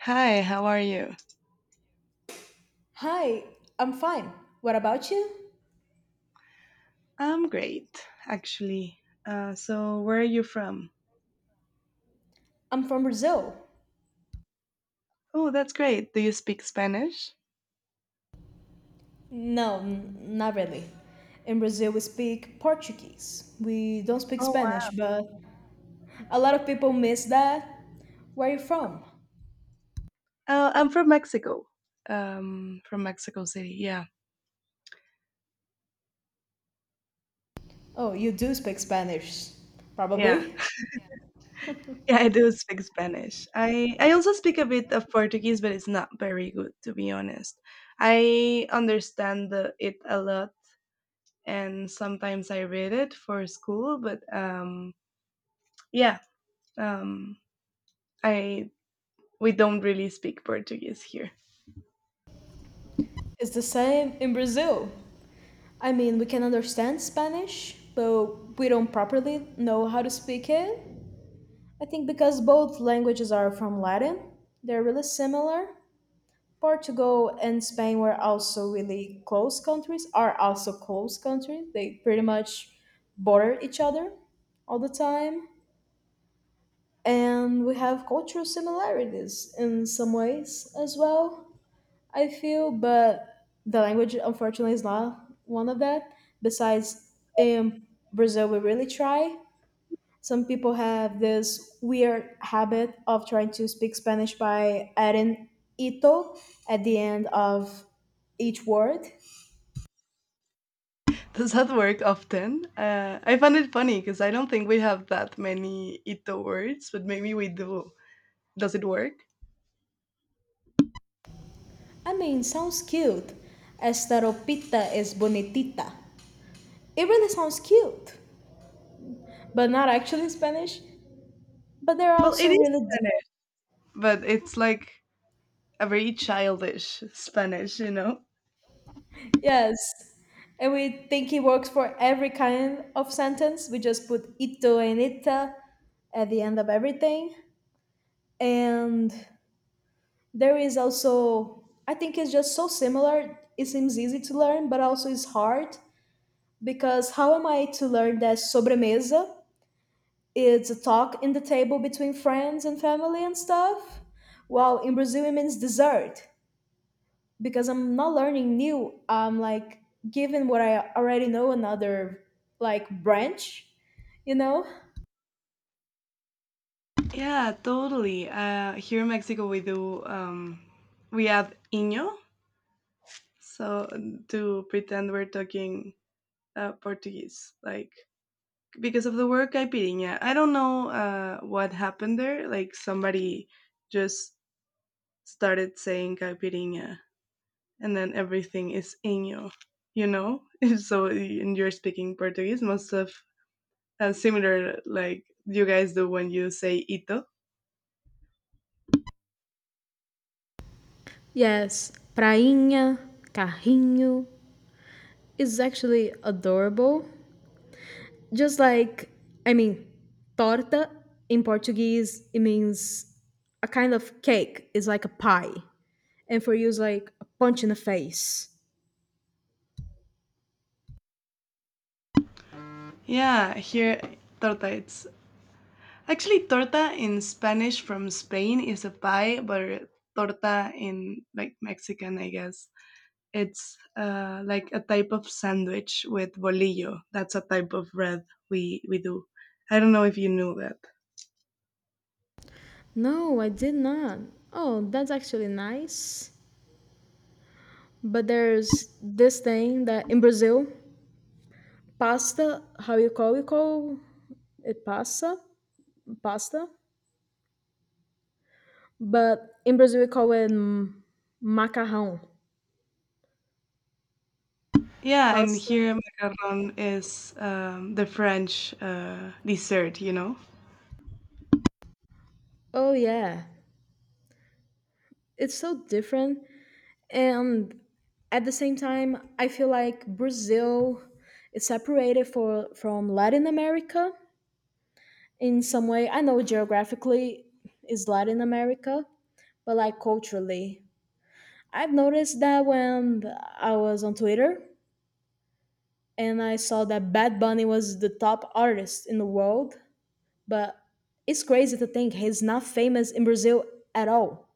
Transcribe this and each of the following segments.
Hi, how are you? Hi, I'm fine. What about you? I'm great, actually. Where are you from? I'm from Brazil. Oh, that's great. Do you speak Spanish? No, not really. In Brazil, we speak Portuguese. We don't speak Oh, wow. Spanish, but a lot of people miss that. Where are you from? I'm from Mexico. From Mexico City. Yeah, Oh, you do speak Spanish. yeah, Probably. yeah. I do speak Spanish. I also speak a bit of Portuguese, but it's not very good, to be honest. I understand it a lot, and sometimes I read it for school. But yeah, um, I We don't really speak Portuguese here. It's the same in Brazil. I mean, we can understand Spanish, but we don't properly know how to speak it. I think because both languages are from Latin, they're really similar. Portugal and Spain were also really close countries, are also close countries. They pretty much border each other all the time. And we have cultural similarities in some ways as well, I feel, but the language unfortunately is not one of that. Besides, in Brazil, we really try some people have this weird habit of trying to speak Spanish by adding ito at the end of each word. Does that work often? I find it funny because I don't think we have that many Ito words, but maybe we do. Does it work? I mean, sounds cute. Esta ropita es bonitita. It really sounds cute, but not actually Spanish. But they're Well, it also is really di- Spanish, but it's like a very childish Spanish, you know? yes. And we think it works for every kind of sentence. We just put ito and ita at the end of everything. And there is also, I think it's just so similar, it seems easy to learn, but also it's hard because how am I to learn that sobremesa. It's a talk in the table between friends and family and stuff, while in Brazil it means dessert because I'm not learning new. I'm like given what I already know another, like, branch, you know. Yeah, totally. Here in Mexico, we we add Iño, so to pretend we're talking Portuguese, like because of the word caipirinha. I don't know what happened there. Like somebody just started saying caipirinha, and then everything is inho, you know? So, and you're speaking Portuguese, most of similar like you guys do when you say ito. Yes, prainha, carrinho is actually adorable. Just like, I mean, torta in Portuguese, it means a kind of cake. It's like a pie. And for you, it's like a punch in the face. Yeah, here torta it's actually, torta in Spanish from Spain is a pie, but torta in like Mexican, I guess, it's like a type of sandwich with bolillo. That's a type of bread we do. I don't know if you knew that. No, I did not. Oh, that's actually nice. But there's this thing that in Brazil, pasta, how you call it, pasta, pasta. But in Brazil, we call it macarrão, Yeah, and pasta. here macaron is the French dessert, you know? Oh yeah, it's so different. And at the same time I feel like Brazil is separated from Latin America in some way. I know geographically is Latin America, but like culturally, I've noticed that when I was on Twitter and I saw that Bad Bunny was the top artist in the world, but it's crazy to think he's not famous in Brazil at all.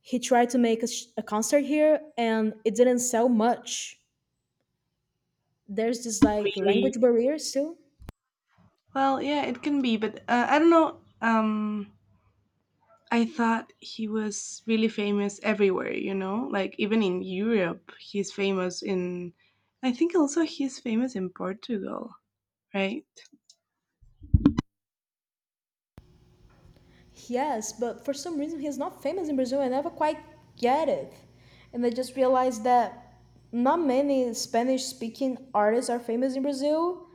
He tried to make a concert here and it didn't sell much. There's this like Really? language barrier still. Well, yeah, it can be, but I don't know. I thought he was really famous everywhere, you know? Like even in Europe, he's famous in I think also he's famous in Portugal, right? Yes, but for some reason he's not famous in Brazil. I never quite get it. And I just realized that not many Spanish speaking artists are famous in Brazil.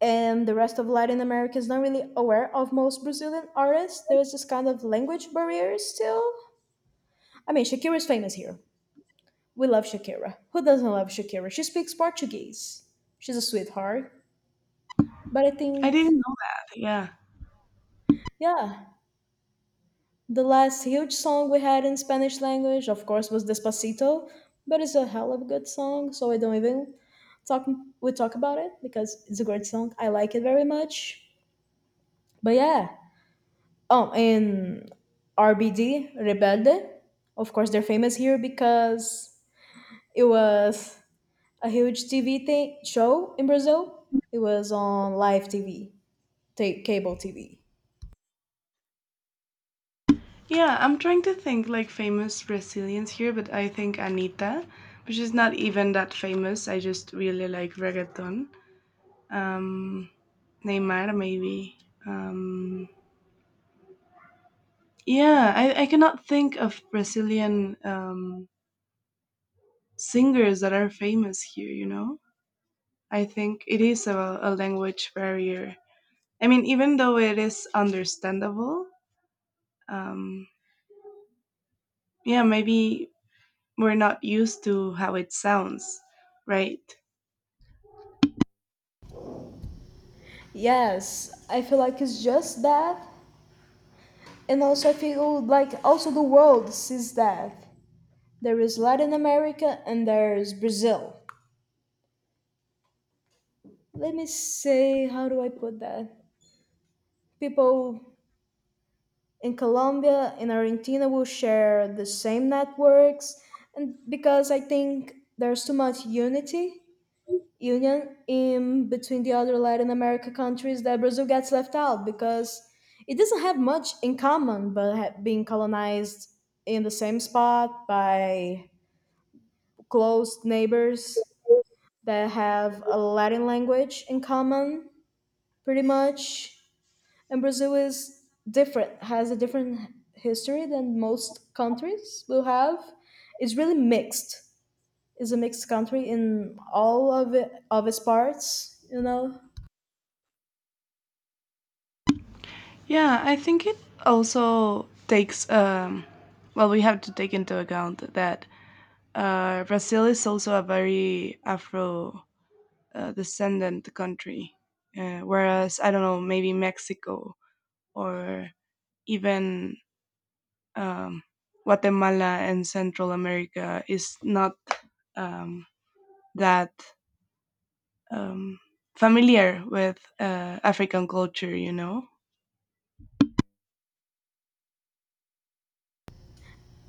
And the rest of Latin America is not really aware of most Brazilian artists. There's this kind of language barrier still. I mean, Shakira is famous here. We love Shakira. Who doesn't love Shakira? She speaks Portuguese. She's a sweetheart. But I I didn't think, know that. Yeah. yeah, the last huge song we had in Spanish language, of course, was Despacito, but it's a hell of a good song, so I don't even talk talk about it because it's a great song. I like it very much. But yeah. Oh, and RBD, Rebelde, of course, they're famous here because it was a huge TV show in Brazil. It was on live TV, cable TV. Yeah, I'm trying to think like famous Brazilians here, but I think Anita, which is not even that famous. I just really like reggaeton. Um, Neymar, maybe. Um, yeah, I cannot think of Brazilian singers that are famous here, you know? I think it is a language barrier. I mean, even though it is understandable, um, yeah, maybe we're not used to how it sounds, right? Yes, I feel like it's just that. And also, I feel like also the world sees that there is Latin America and there's Brazil. Let me say, how do I put that? People in Colombia and Argentina will share the same networks, and because I think there's too much union in between the other Latin America countries, that Brazil gets left out because it doesn't have much in common, but being colonized in the same spot by close neighbors that have a Latin language in common, pretty much. And Brazil is different, has a different history than most countries will have. It's really mixed. It's a mixed country in all of it, of its parts, you know. Yeah, I think it also takes, well, we have to take into account that Brazil is also a very Afro descendant country, whereas I don't know, maybe Mexico or even um, Guatemala and Central America is not um, that um, familiar with African culture. You know?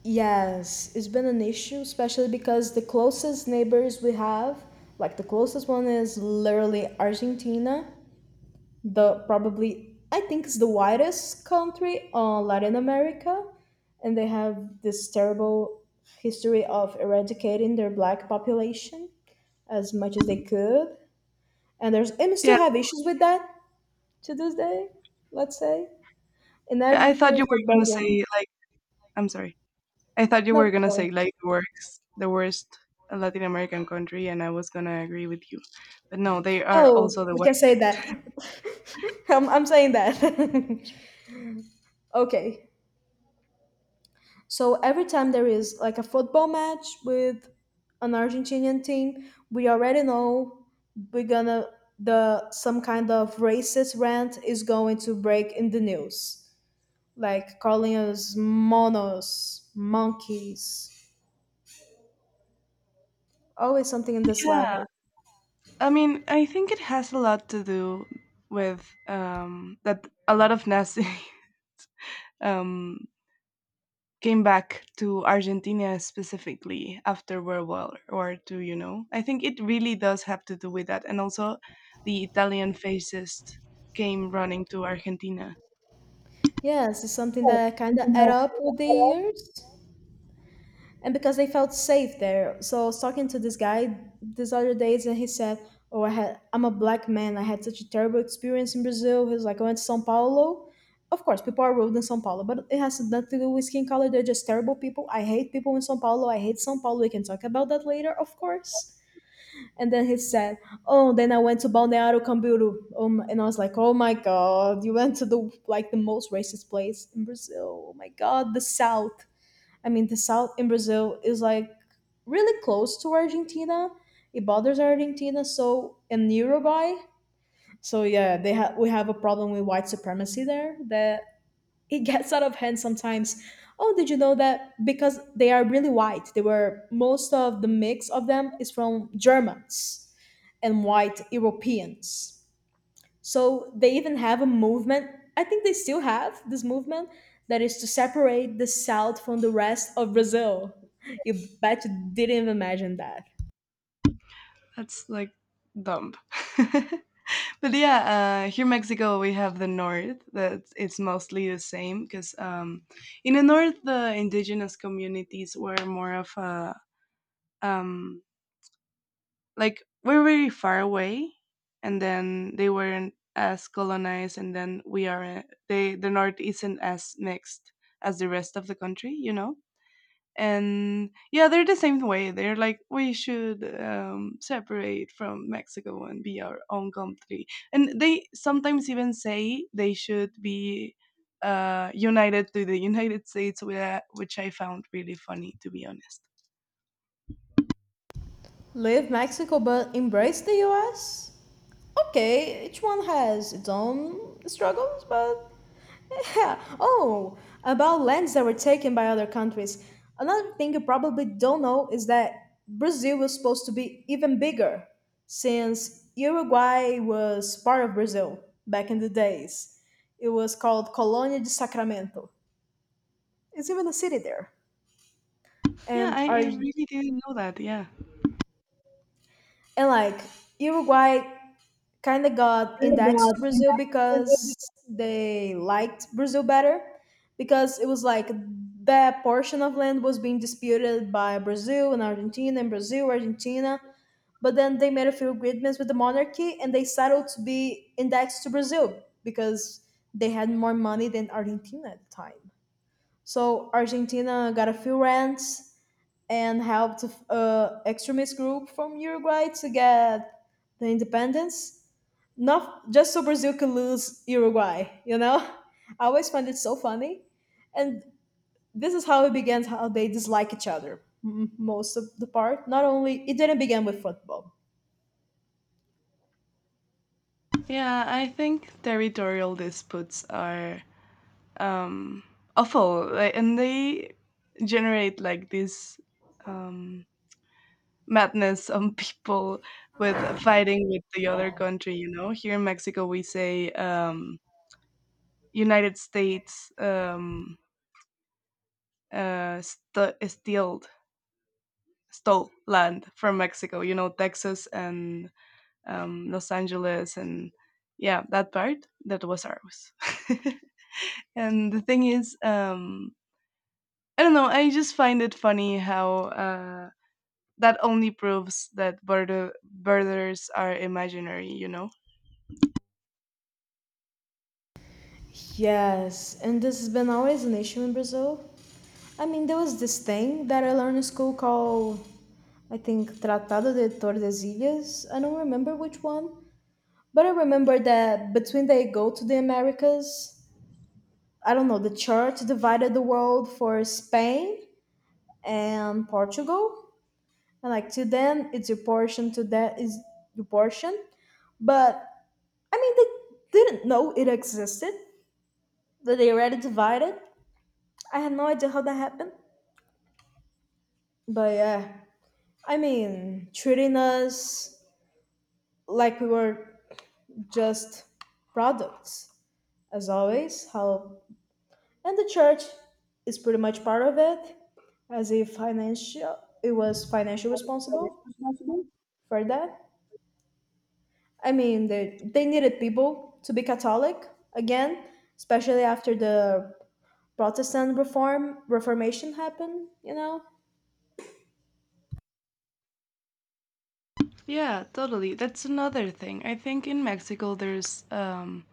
Yes, it's been an issue, especially because the closest neighbors we have, like the closest one is literally Argentina, the probably, I think it's the whitest country on Latin America, and they have this terrible history of eradicating their black population as much as they could, and there's and we Yeah, still have issues with that to this day. Let's say in I thought every you were football gonna game. say like I'm sorry. I thought you No, were keep gonna going. say like the worst Latin American country, and I was gonna agree with you, but no, they are Oh, also the we can say worst. that. I'm saying that. Okay. So every time there is like a football match with an Argentinian team, we already know we're gonna the some kind of racist rant is going to break in the news, like calling us monos, monkeys, always something in this Yeah, level. I mean, I think it has a lot to do with that a lot of Nazi um, came back to Argentina specifically after World War Two. You know, I think it really does have to do with that, and also the Italian fascists came running to Argentina. Yes, it's something that kind of add up with the years. And because they felt safe there. So I was talking to this guy this other days, and he said, "Oh, I had I'm a black man. I had such a terrible experience in Brazil." He was like, "I went to São Paulo. Of course, people are rude in São Paulo, but it has nothing to do with skin color. They're just terrible people. I hate people in São Paulo. I hate São Paulo. We can talk about that later, of course." And then he said, "Oh, then I went to Balneário Camboriú, and I was like, oh my god, you went to the like the most racist place in Brazil. Oh my god, the South." I mean, the south in Brazil is like really close to Argentina. It borders Argentina, so and Uruguay. So yeah, they have we have a problem with white supremacy there that it gets out of hand sometimes. Oh, did you know that because they are really white, they were most of the mix of them is from Germans and white Europeans. So they even have a movement. I think they still have this movement that is to separate the South from the rest of Brazil. You bet you didn't even imagine that. That's like dumb. But yeah, here in Mexico we have the north. That it's mostly the same because in the north the indigenous communities were more of a um, like we're very far away, and then they weren't as colonized, and then we are the north isn't as mixed as the rest of the country, you know. And yeah, they're the same way. They're like, we should separate from Mexico and be our own country, and they sometimes even say they should be united to the United States which I found really funny, to be honest. Leave Mexico but embrace the US? Okay, each one has its own struggles, but yeah. Oh, about lands that were taken by other countries. Another thing you probably don't know is that Brazil was supposed to be even bigger, since Uruguay was part of Brazil back in the days. It was called Colonia de Sacramento. It's even a city there. Yeah, And I our really didn't know that. Yeah. and like Uruguay kind of got indexed to Brazil because they liked Brazil better because it was like that portion of land was being disputed by Brazil and Argentina. But then they made a few agreements with the monarchy and they settled to be indexed to Brazil because they had more money than Argentina at the time. So Argentina got a few rents and helped a extremist group from Uruguay to get the independence, not just so Brazil could lose Uruguay, you know? I always find it so funny. And this is how it began, how they dislike each other most of the part. Not only, it didn't begin with football. Yeah, I think territorial disputes are um, awful, like, and they generate like this um, madness on people with fighting with the other country. You know, here in Mexico, we say United States st- stealed stole land from Mexico. You know, Texas and Los Angeles, and yeah, that part that was ours. And the thing is, I don't know. I just find it funny how that only proves that borders are imaginary. You know? Yes, and this has been always an issue in Brazil. I mean, there was this thing that I learned in school called, I think, Tratado de Tordesillas. I don't remember which one, but I remember that between they go to the Americas, I don't know, the church divided the world for Spain and Portugal. And like to them, it's your portion. To that is your portion. But I mean, they didn't know it existed. That they already divided. I had no idea how that happened. But yeah, I mean, treating us like we were just products, as always. How and the church is pretty much part of it, as if financial it was financially responsible for that. I mean, they needed people to be Catholic again, especially after the Protestant reform Reformation happened. You know, Yeah, totally. That's another thing. I think in Mexico there's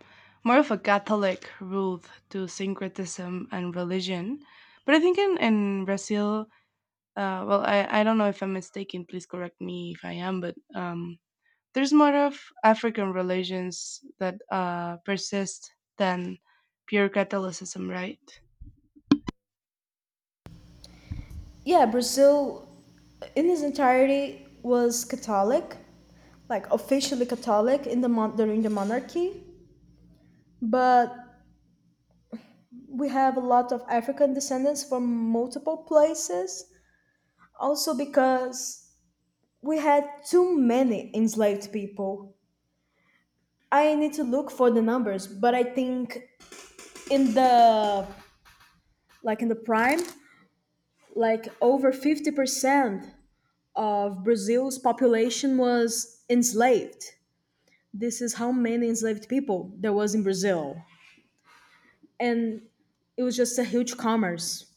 more of a Catholic route to syncretism and religion, but I think in Brazil well, I don't know if I'm mistaken, please correct me if I am, but there's more of African religions that persist than pure Catholicism, right? yeah, Brazil in its entirety was Catholic, like officially Catholic in the during the monarchy. But we have a lot of African descendants from multiple places, also because we had too many enslaved people. I need to look for the numbers, but I think in the like in the prime, like over 50% of Brazil's population was enslaved. This is how many enslaved people there was in Brazil. And it was just a huge commerce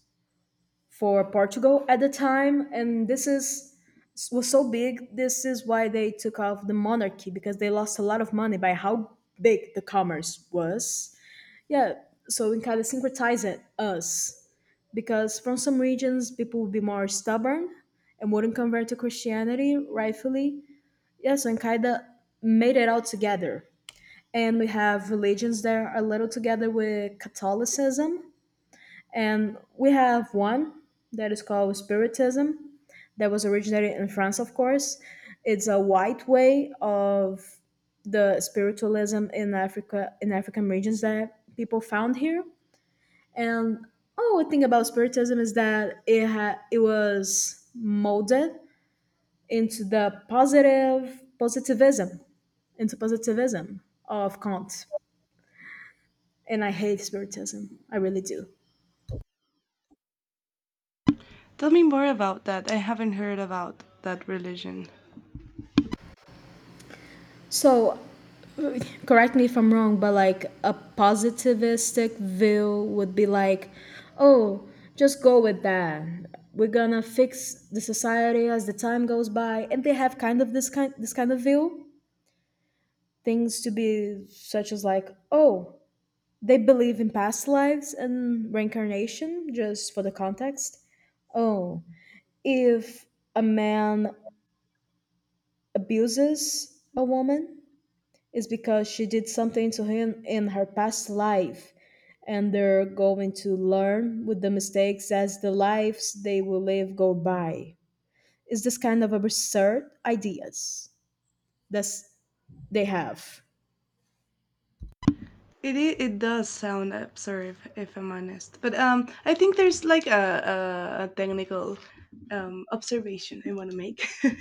for Portugal at the time, and this is was so big, this is why they took off the monarchy, because they lost a lot of money by how big the commerce was. Yeah, so in kind of syncretizing us because from some regions people would be more stubborn and wouldn't convert to Christianity rightfully. Yeah, so and kind made it all together. And we have religions that are a little together with Catholicism, and we have one that is called Spiritism that was originated in France, of course. It's a white way of the spiritualism in Africa in African regions that people found here and oh, a thing about Spiritism is that it was molded into the positive positivism, into positivism of Kant. And I hate Spiritism. I really do. Tell me more about that. I haven't heard about that religion. So correct me if I'm wrong, but like a positivistic view would be like, oh, just go with that. We're gonna fix the society as the time goes by, and they have this kind of view. Things to be such as like, oh, they believe in past lives and reincarnation. Just for the context, oh, if a man abuses a woman, it's because she did something to him in her past life, and they're going to learn with the mistakes as the lives they will live go by. Is this kind of absurd ideas that they have? It does sound absurd, if I'm honest, but I think there's like a technical observation I want to make.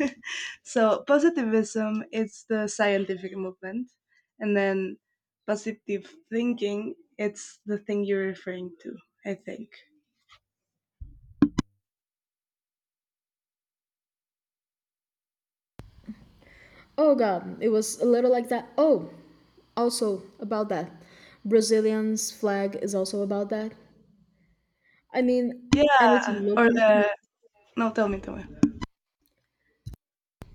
So positivism, it's the scientific movement, and then positive thinking, it's the thing you're referring to. I think. Oh, god, it was a little like that. Oh, also, about that, Brazilian's flag is also about that. I mean, Yeah, anything look or the no, tell me, tell me.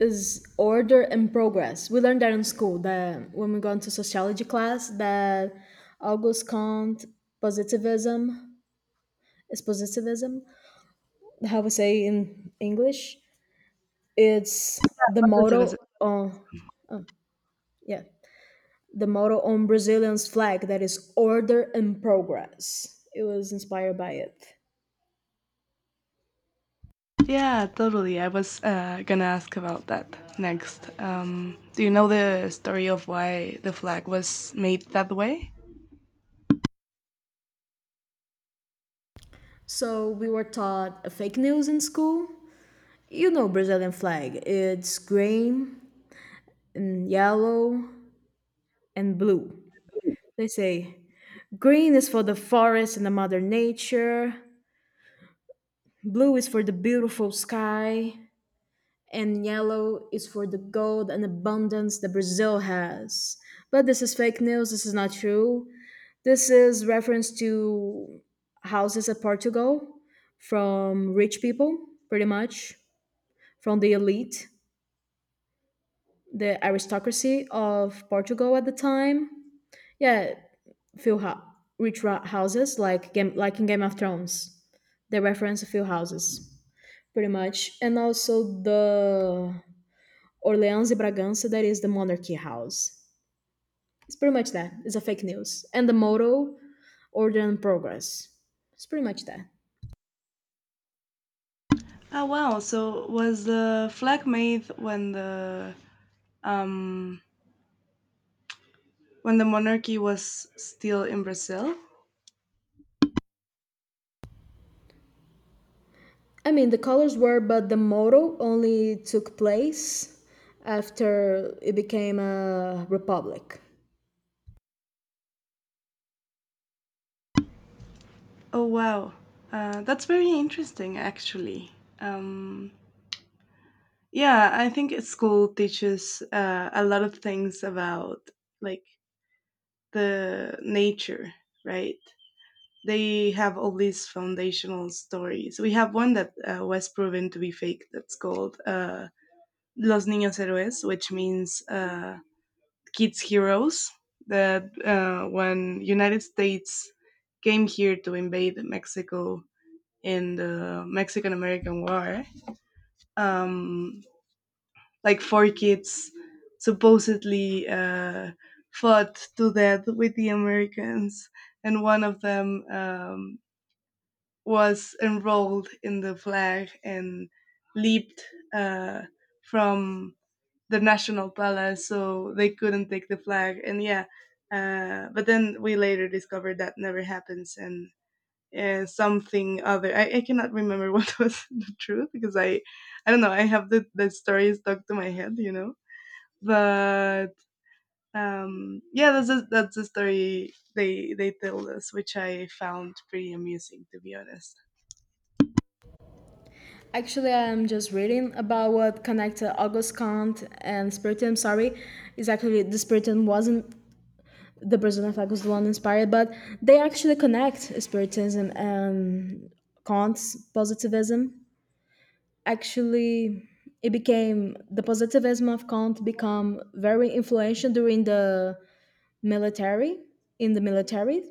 is order and progress. We learned that in school, that when we go into sociology class, that August Kant, positivism is positivism. How we say in English, it's the motto. Positivism. On, oh, yeah, the motto on Brazilian's flag that is order and progress. It was inspired by it. Yeah, totally. I was gonna ask about that next. Do you know the story of why the flag was made that way? So we were taught a fake news in school. You know Brazilian flag. It's green and yellow and blue. They say green is for the forest and the mother nature, blue is for the beautiful sky, and yellow is for the gold and abundance that Brazil has. But this is fake news, this is not true. This is reference to houses at Portugal from rich people, pretty much, from the elite, the aristocracy of Portugal at the time. Yeah, few ha- rich ra- houses like game like in Game of Thrones. They reference a few houses pretty much, and also the Orleans e Bragança that is the monarchy house. It's pretty much that. It's a fake news and the motto order and progress. It's pretty much that. Oh wow! So was the flag made um, when the monarchy was still in Brazil? I mean, the colors were, but the motto only took place after it became a republic. Oh wow, that's very interesting, actually. Um, yeah, I think school teaches a lot of things about like the nature, right? They have all these foundational stories. We have one that was proven to be fake. That's called Los Niños Héroes, which means kids heroes. That when United States came here to invade Mexico in the Mexican American War, um, like four kids supposedly fought to death with the Americans, and one of them was enrolled in the flag and leaped uh, from the national palace, so they couldn't take the flag. And yeah, but then we later discovered that never happens, and something other. I cannot remember what was the truth, because I don't know. I have the story stuck to my head, you know. But yeah, that's that's the story they told us, which I found pretty amusing, to be honest. Actually, I'm just reading about what connected August Kant and Spiritism. Sorry, is actually the Spiritism wasn't the person of August the one inspired, but they actually connect Spiritism and Kant's positivism. Actually, it became the positivism of Kant become very influential during the military in the military,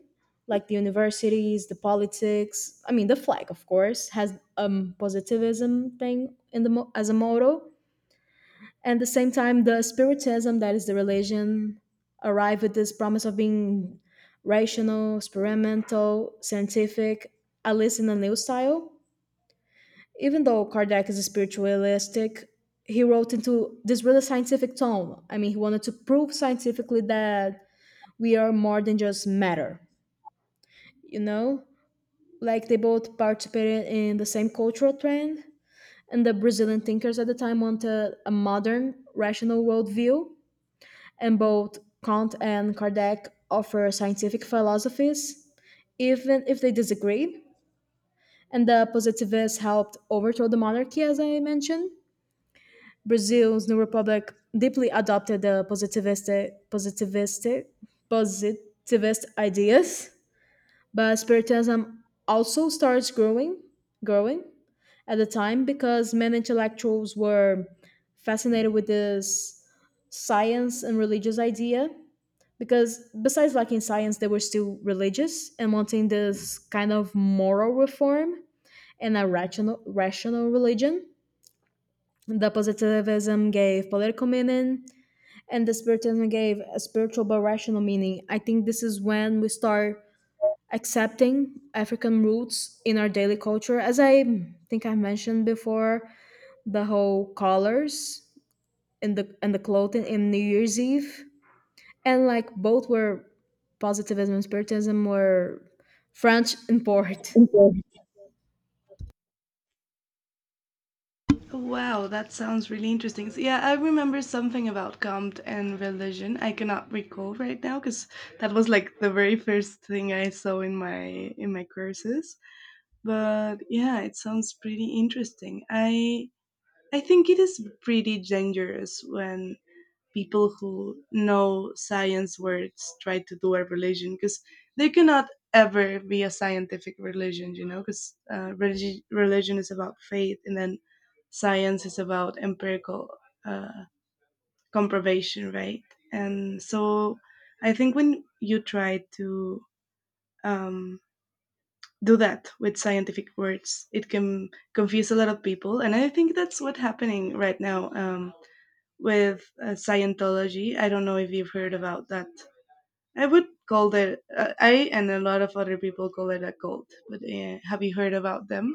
like the universities, the politics. I mean, the flag of course has a positivism thing in the as a motto, and at the same time the spiritism that is the religion arrived with this promise of being rational, experimental, scientific, at least in a new style. Even though Kardec is a spiritualistic, he wrote into this really scientific tone. I mean, he wanted to prove scientifically that we are more than just matter. You know, like they both participated in the same cultural trend, and the brazilian thinkers at the time wanted a modern rational worldview, and both Kant and Kardec offer scientific philosophies, even if they disagreed. And the positivists helped overthrow the monarchy, as I mentioned. Brazil's new republic deeply adopted the positivist ideas, but spiritism also starts growing at the time because many intellectuals were fascinated with this science and religious idea, because besides liking science they were still religious and wanting this kind of moral reform and a rational religion. The positivism gave political meaning and the spiritualism gave a spiritual but rational meaning. I think this is when we start accepting african roots in our daily culture, as I think I mentioned before, the whole colors and the clothing in New Year's Eve, and like both were, positivism and spiritism were, French import. Wow, that sounds really interesting. So, yeah, I remember something about Comte and religion. I cannot recall right now because that was like the very first thing I saw in my courses. But yeah, it sounds pretty interesting. I think it is pretty dangerous when people who know science words try to do a religion, because they cannot ever be a scientific religion, you know, because religion is about faith, and then science is about empirical uh, comproval, right? And so I think when you try to um, do that with scientific words, it can confuse a lot of people. And I think that's what's happening right now. With Scientology. I don't know if you've heard about that. I would call it, I and a lot of other people call it a cult, but have you heard about them?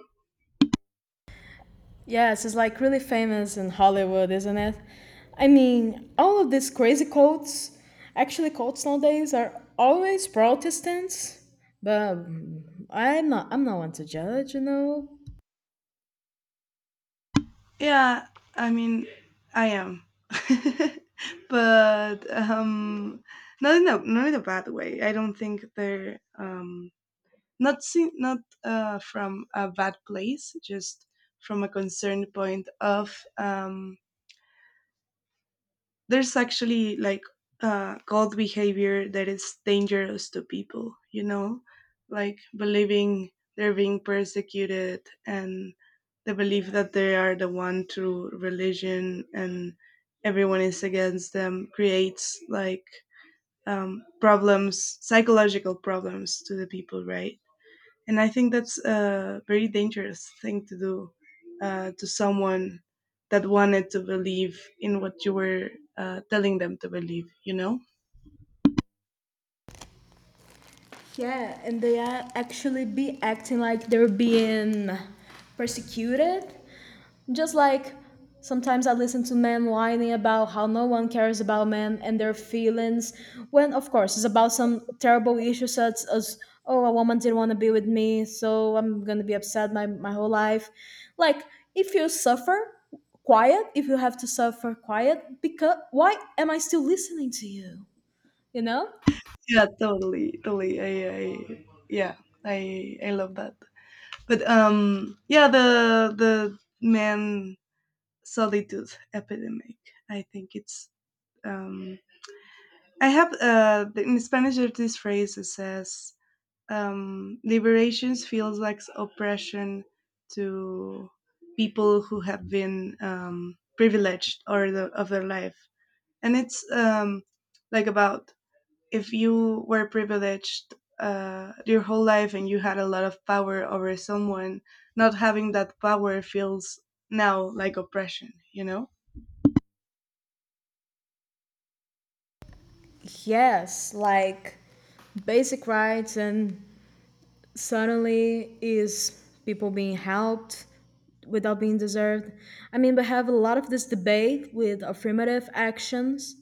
Yes, it's like really famous in Hollywood, isn't it? I mean, all of these crazy cults, actually cults nowadays are always Protestants, but I'm not one to judge, you know. Yeah, I mean, I am. But not in a bad way. I don't think they're not from a bad place, just from a concerned point of there's actually like cult behavior that is dangerous to people, you know, like believing they're being persecuted, and the belief that they are the one true religion and everyone is against them, creates like problems, psychological problems to the people, right? And I think that's a very dangerous thing to do to someone that wanted to believe in what you were telling them to believe. You know? Yeah, and they are actually be acting like they're being persecuted. Just like sometimes I listen to men whining about how no one cares about men and their feelings, when of course it's about some terrible issue such as, oh, a woman didn't want to be with me, so I'm gonna be upset my whole life. Like if you suffer quiet, if you have to suffer quiet, because why am I still listening to you? You know? Yeah, totally, totally. I yeah, I love that. But yeah, the man solitude epidemic. I think it's um. I have in Spanish, there's this phrase that says liberations feels like oppression to people who have been privileged or of their life. And it's like about if you were privileged your whole life and you had a lot of power over someone, not having that power feels now like oppression, you know. Yes, like basic rights and suddenly is people being helped without being deserved. I mean, we have a lot of this debate with affirmative actions.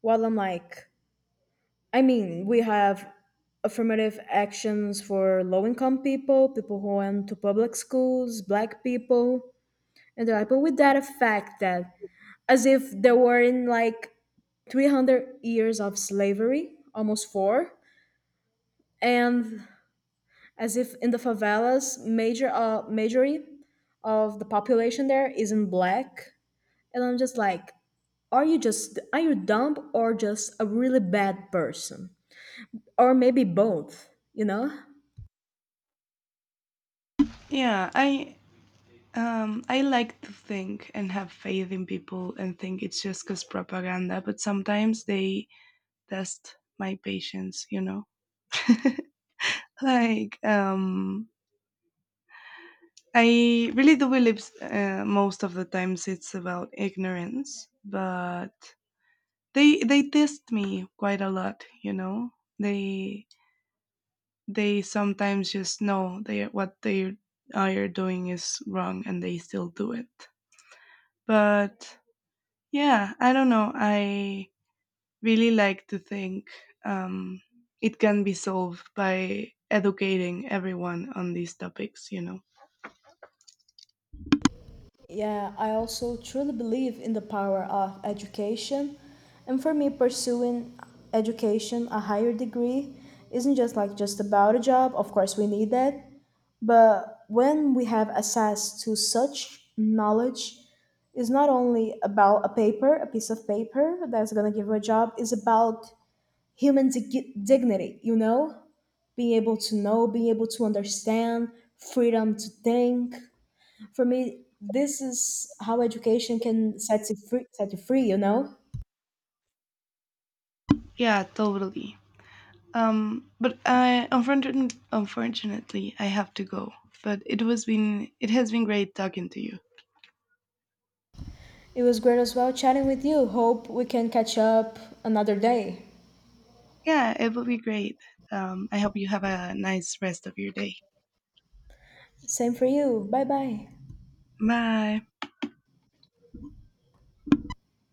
While I'm like, I mean, we have affirmative actions for low income people, people who went to public schools, black people, and they're like, but with that effect that as if there were in like 300 years of slavery, almost four, and as if in the favelas majority of the population there isn't black, and I'm just like, are you just are you dumb or just a really bad person, or maybe both, you know? Yeah, I like to think and have faith in people and think it's just because propaganda, but sometimes they test my patience, you know. Like I really do believe most of the times it's about ignorance, but they test me quite a lot, you know. they they sometimes just know they what they are doing is wrong and they still do it. But yeah, I don't know, I really like to think um, it can be solved by educating everyone on these topics, you know? Yeah, I also truly believe in the power of education. And for me, pursuing education, a higher degree, isn't just about a job. Of course, we need that. But when we have access to such knowledge, it's not only about a paper, a piece of paper that's going to give you a job, it's about dignity, you know? Being able to know, being able to understand, freedom to think, for me, this is how education can set you free. Set you free, you know. Yeah, totally. But I unfortunately, unfortunately, I have to go. But it has been great talking to you. It was great as well chatting with you. Hope we can catch up another day. Yeah, it will be great. I hope you have a nice rest of your day. Same for you. Bye bye. Bye.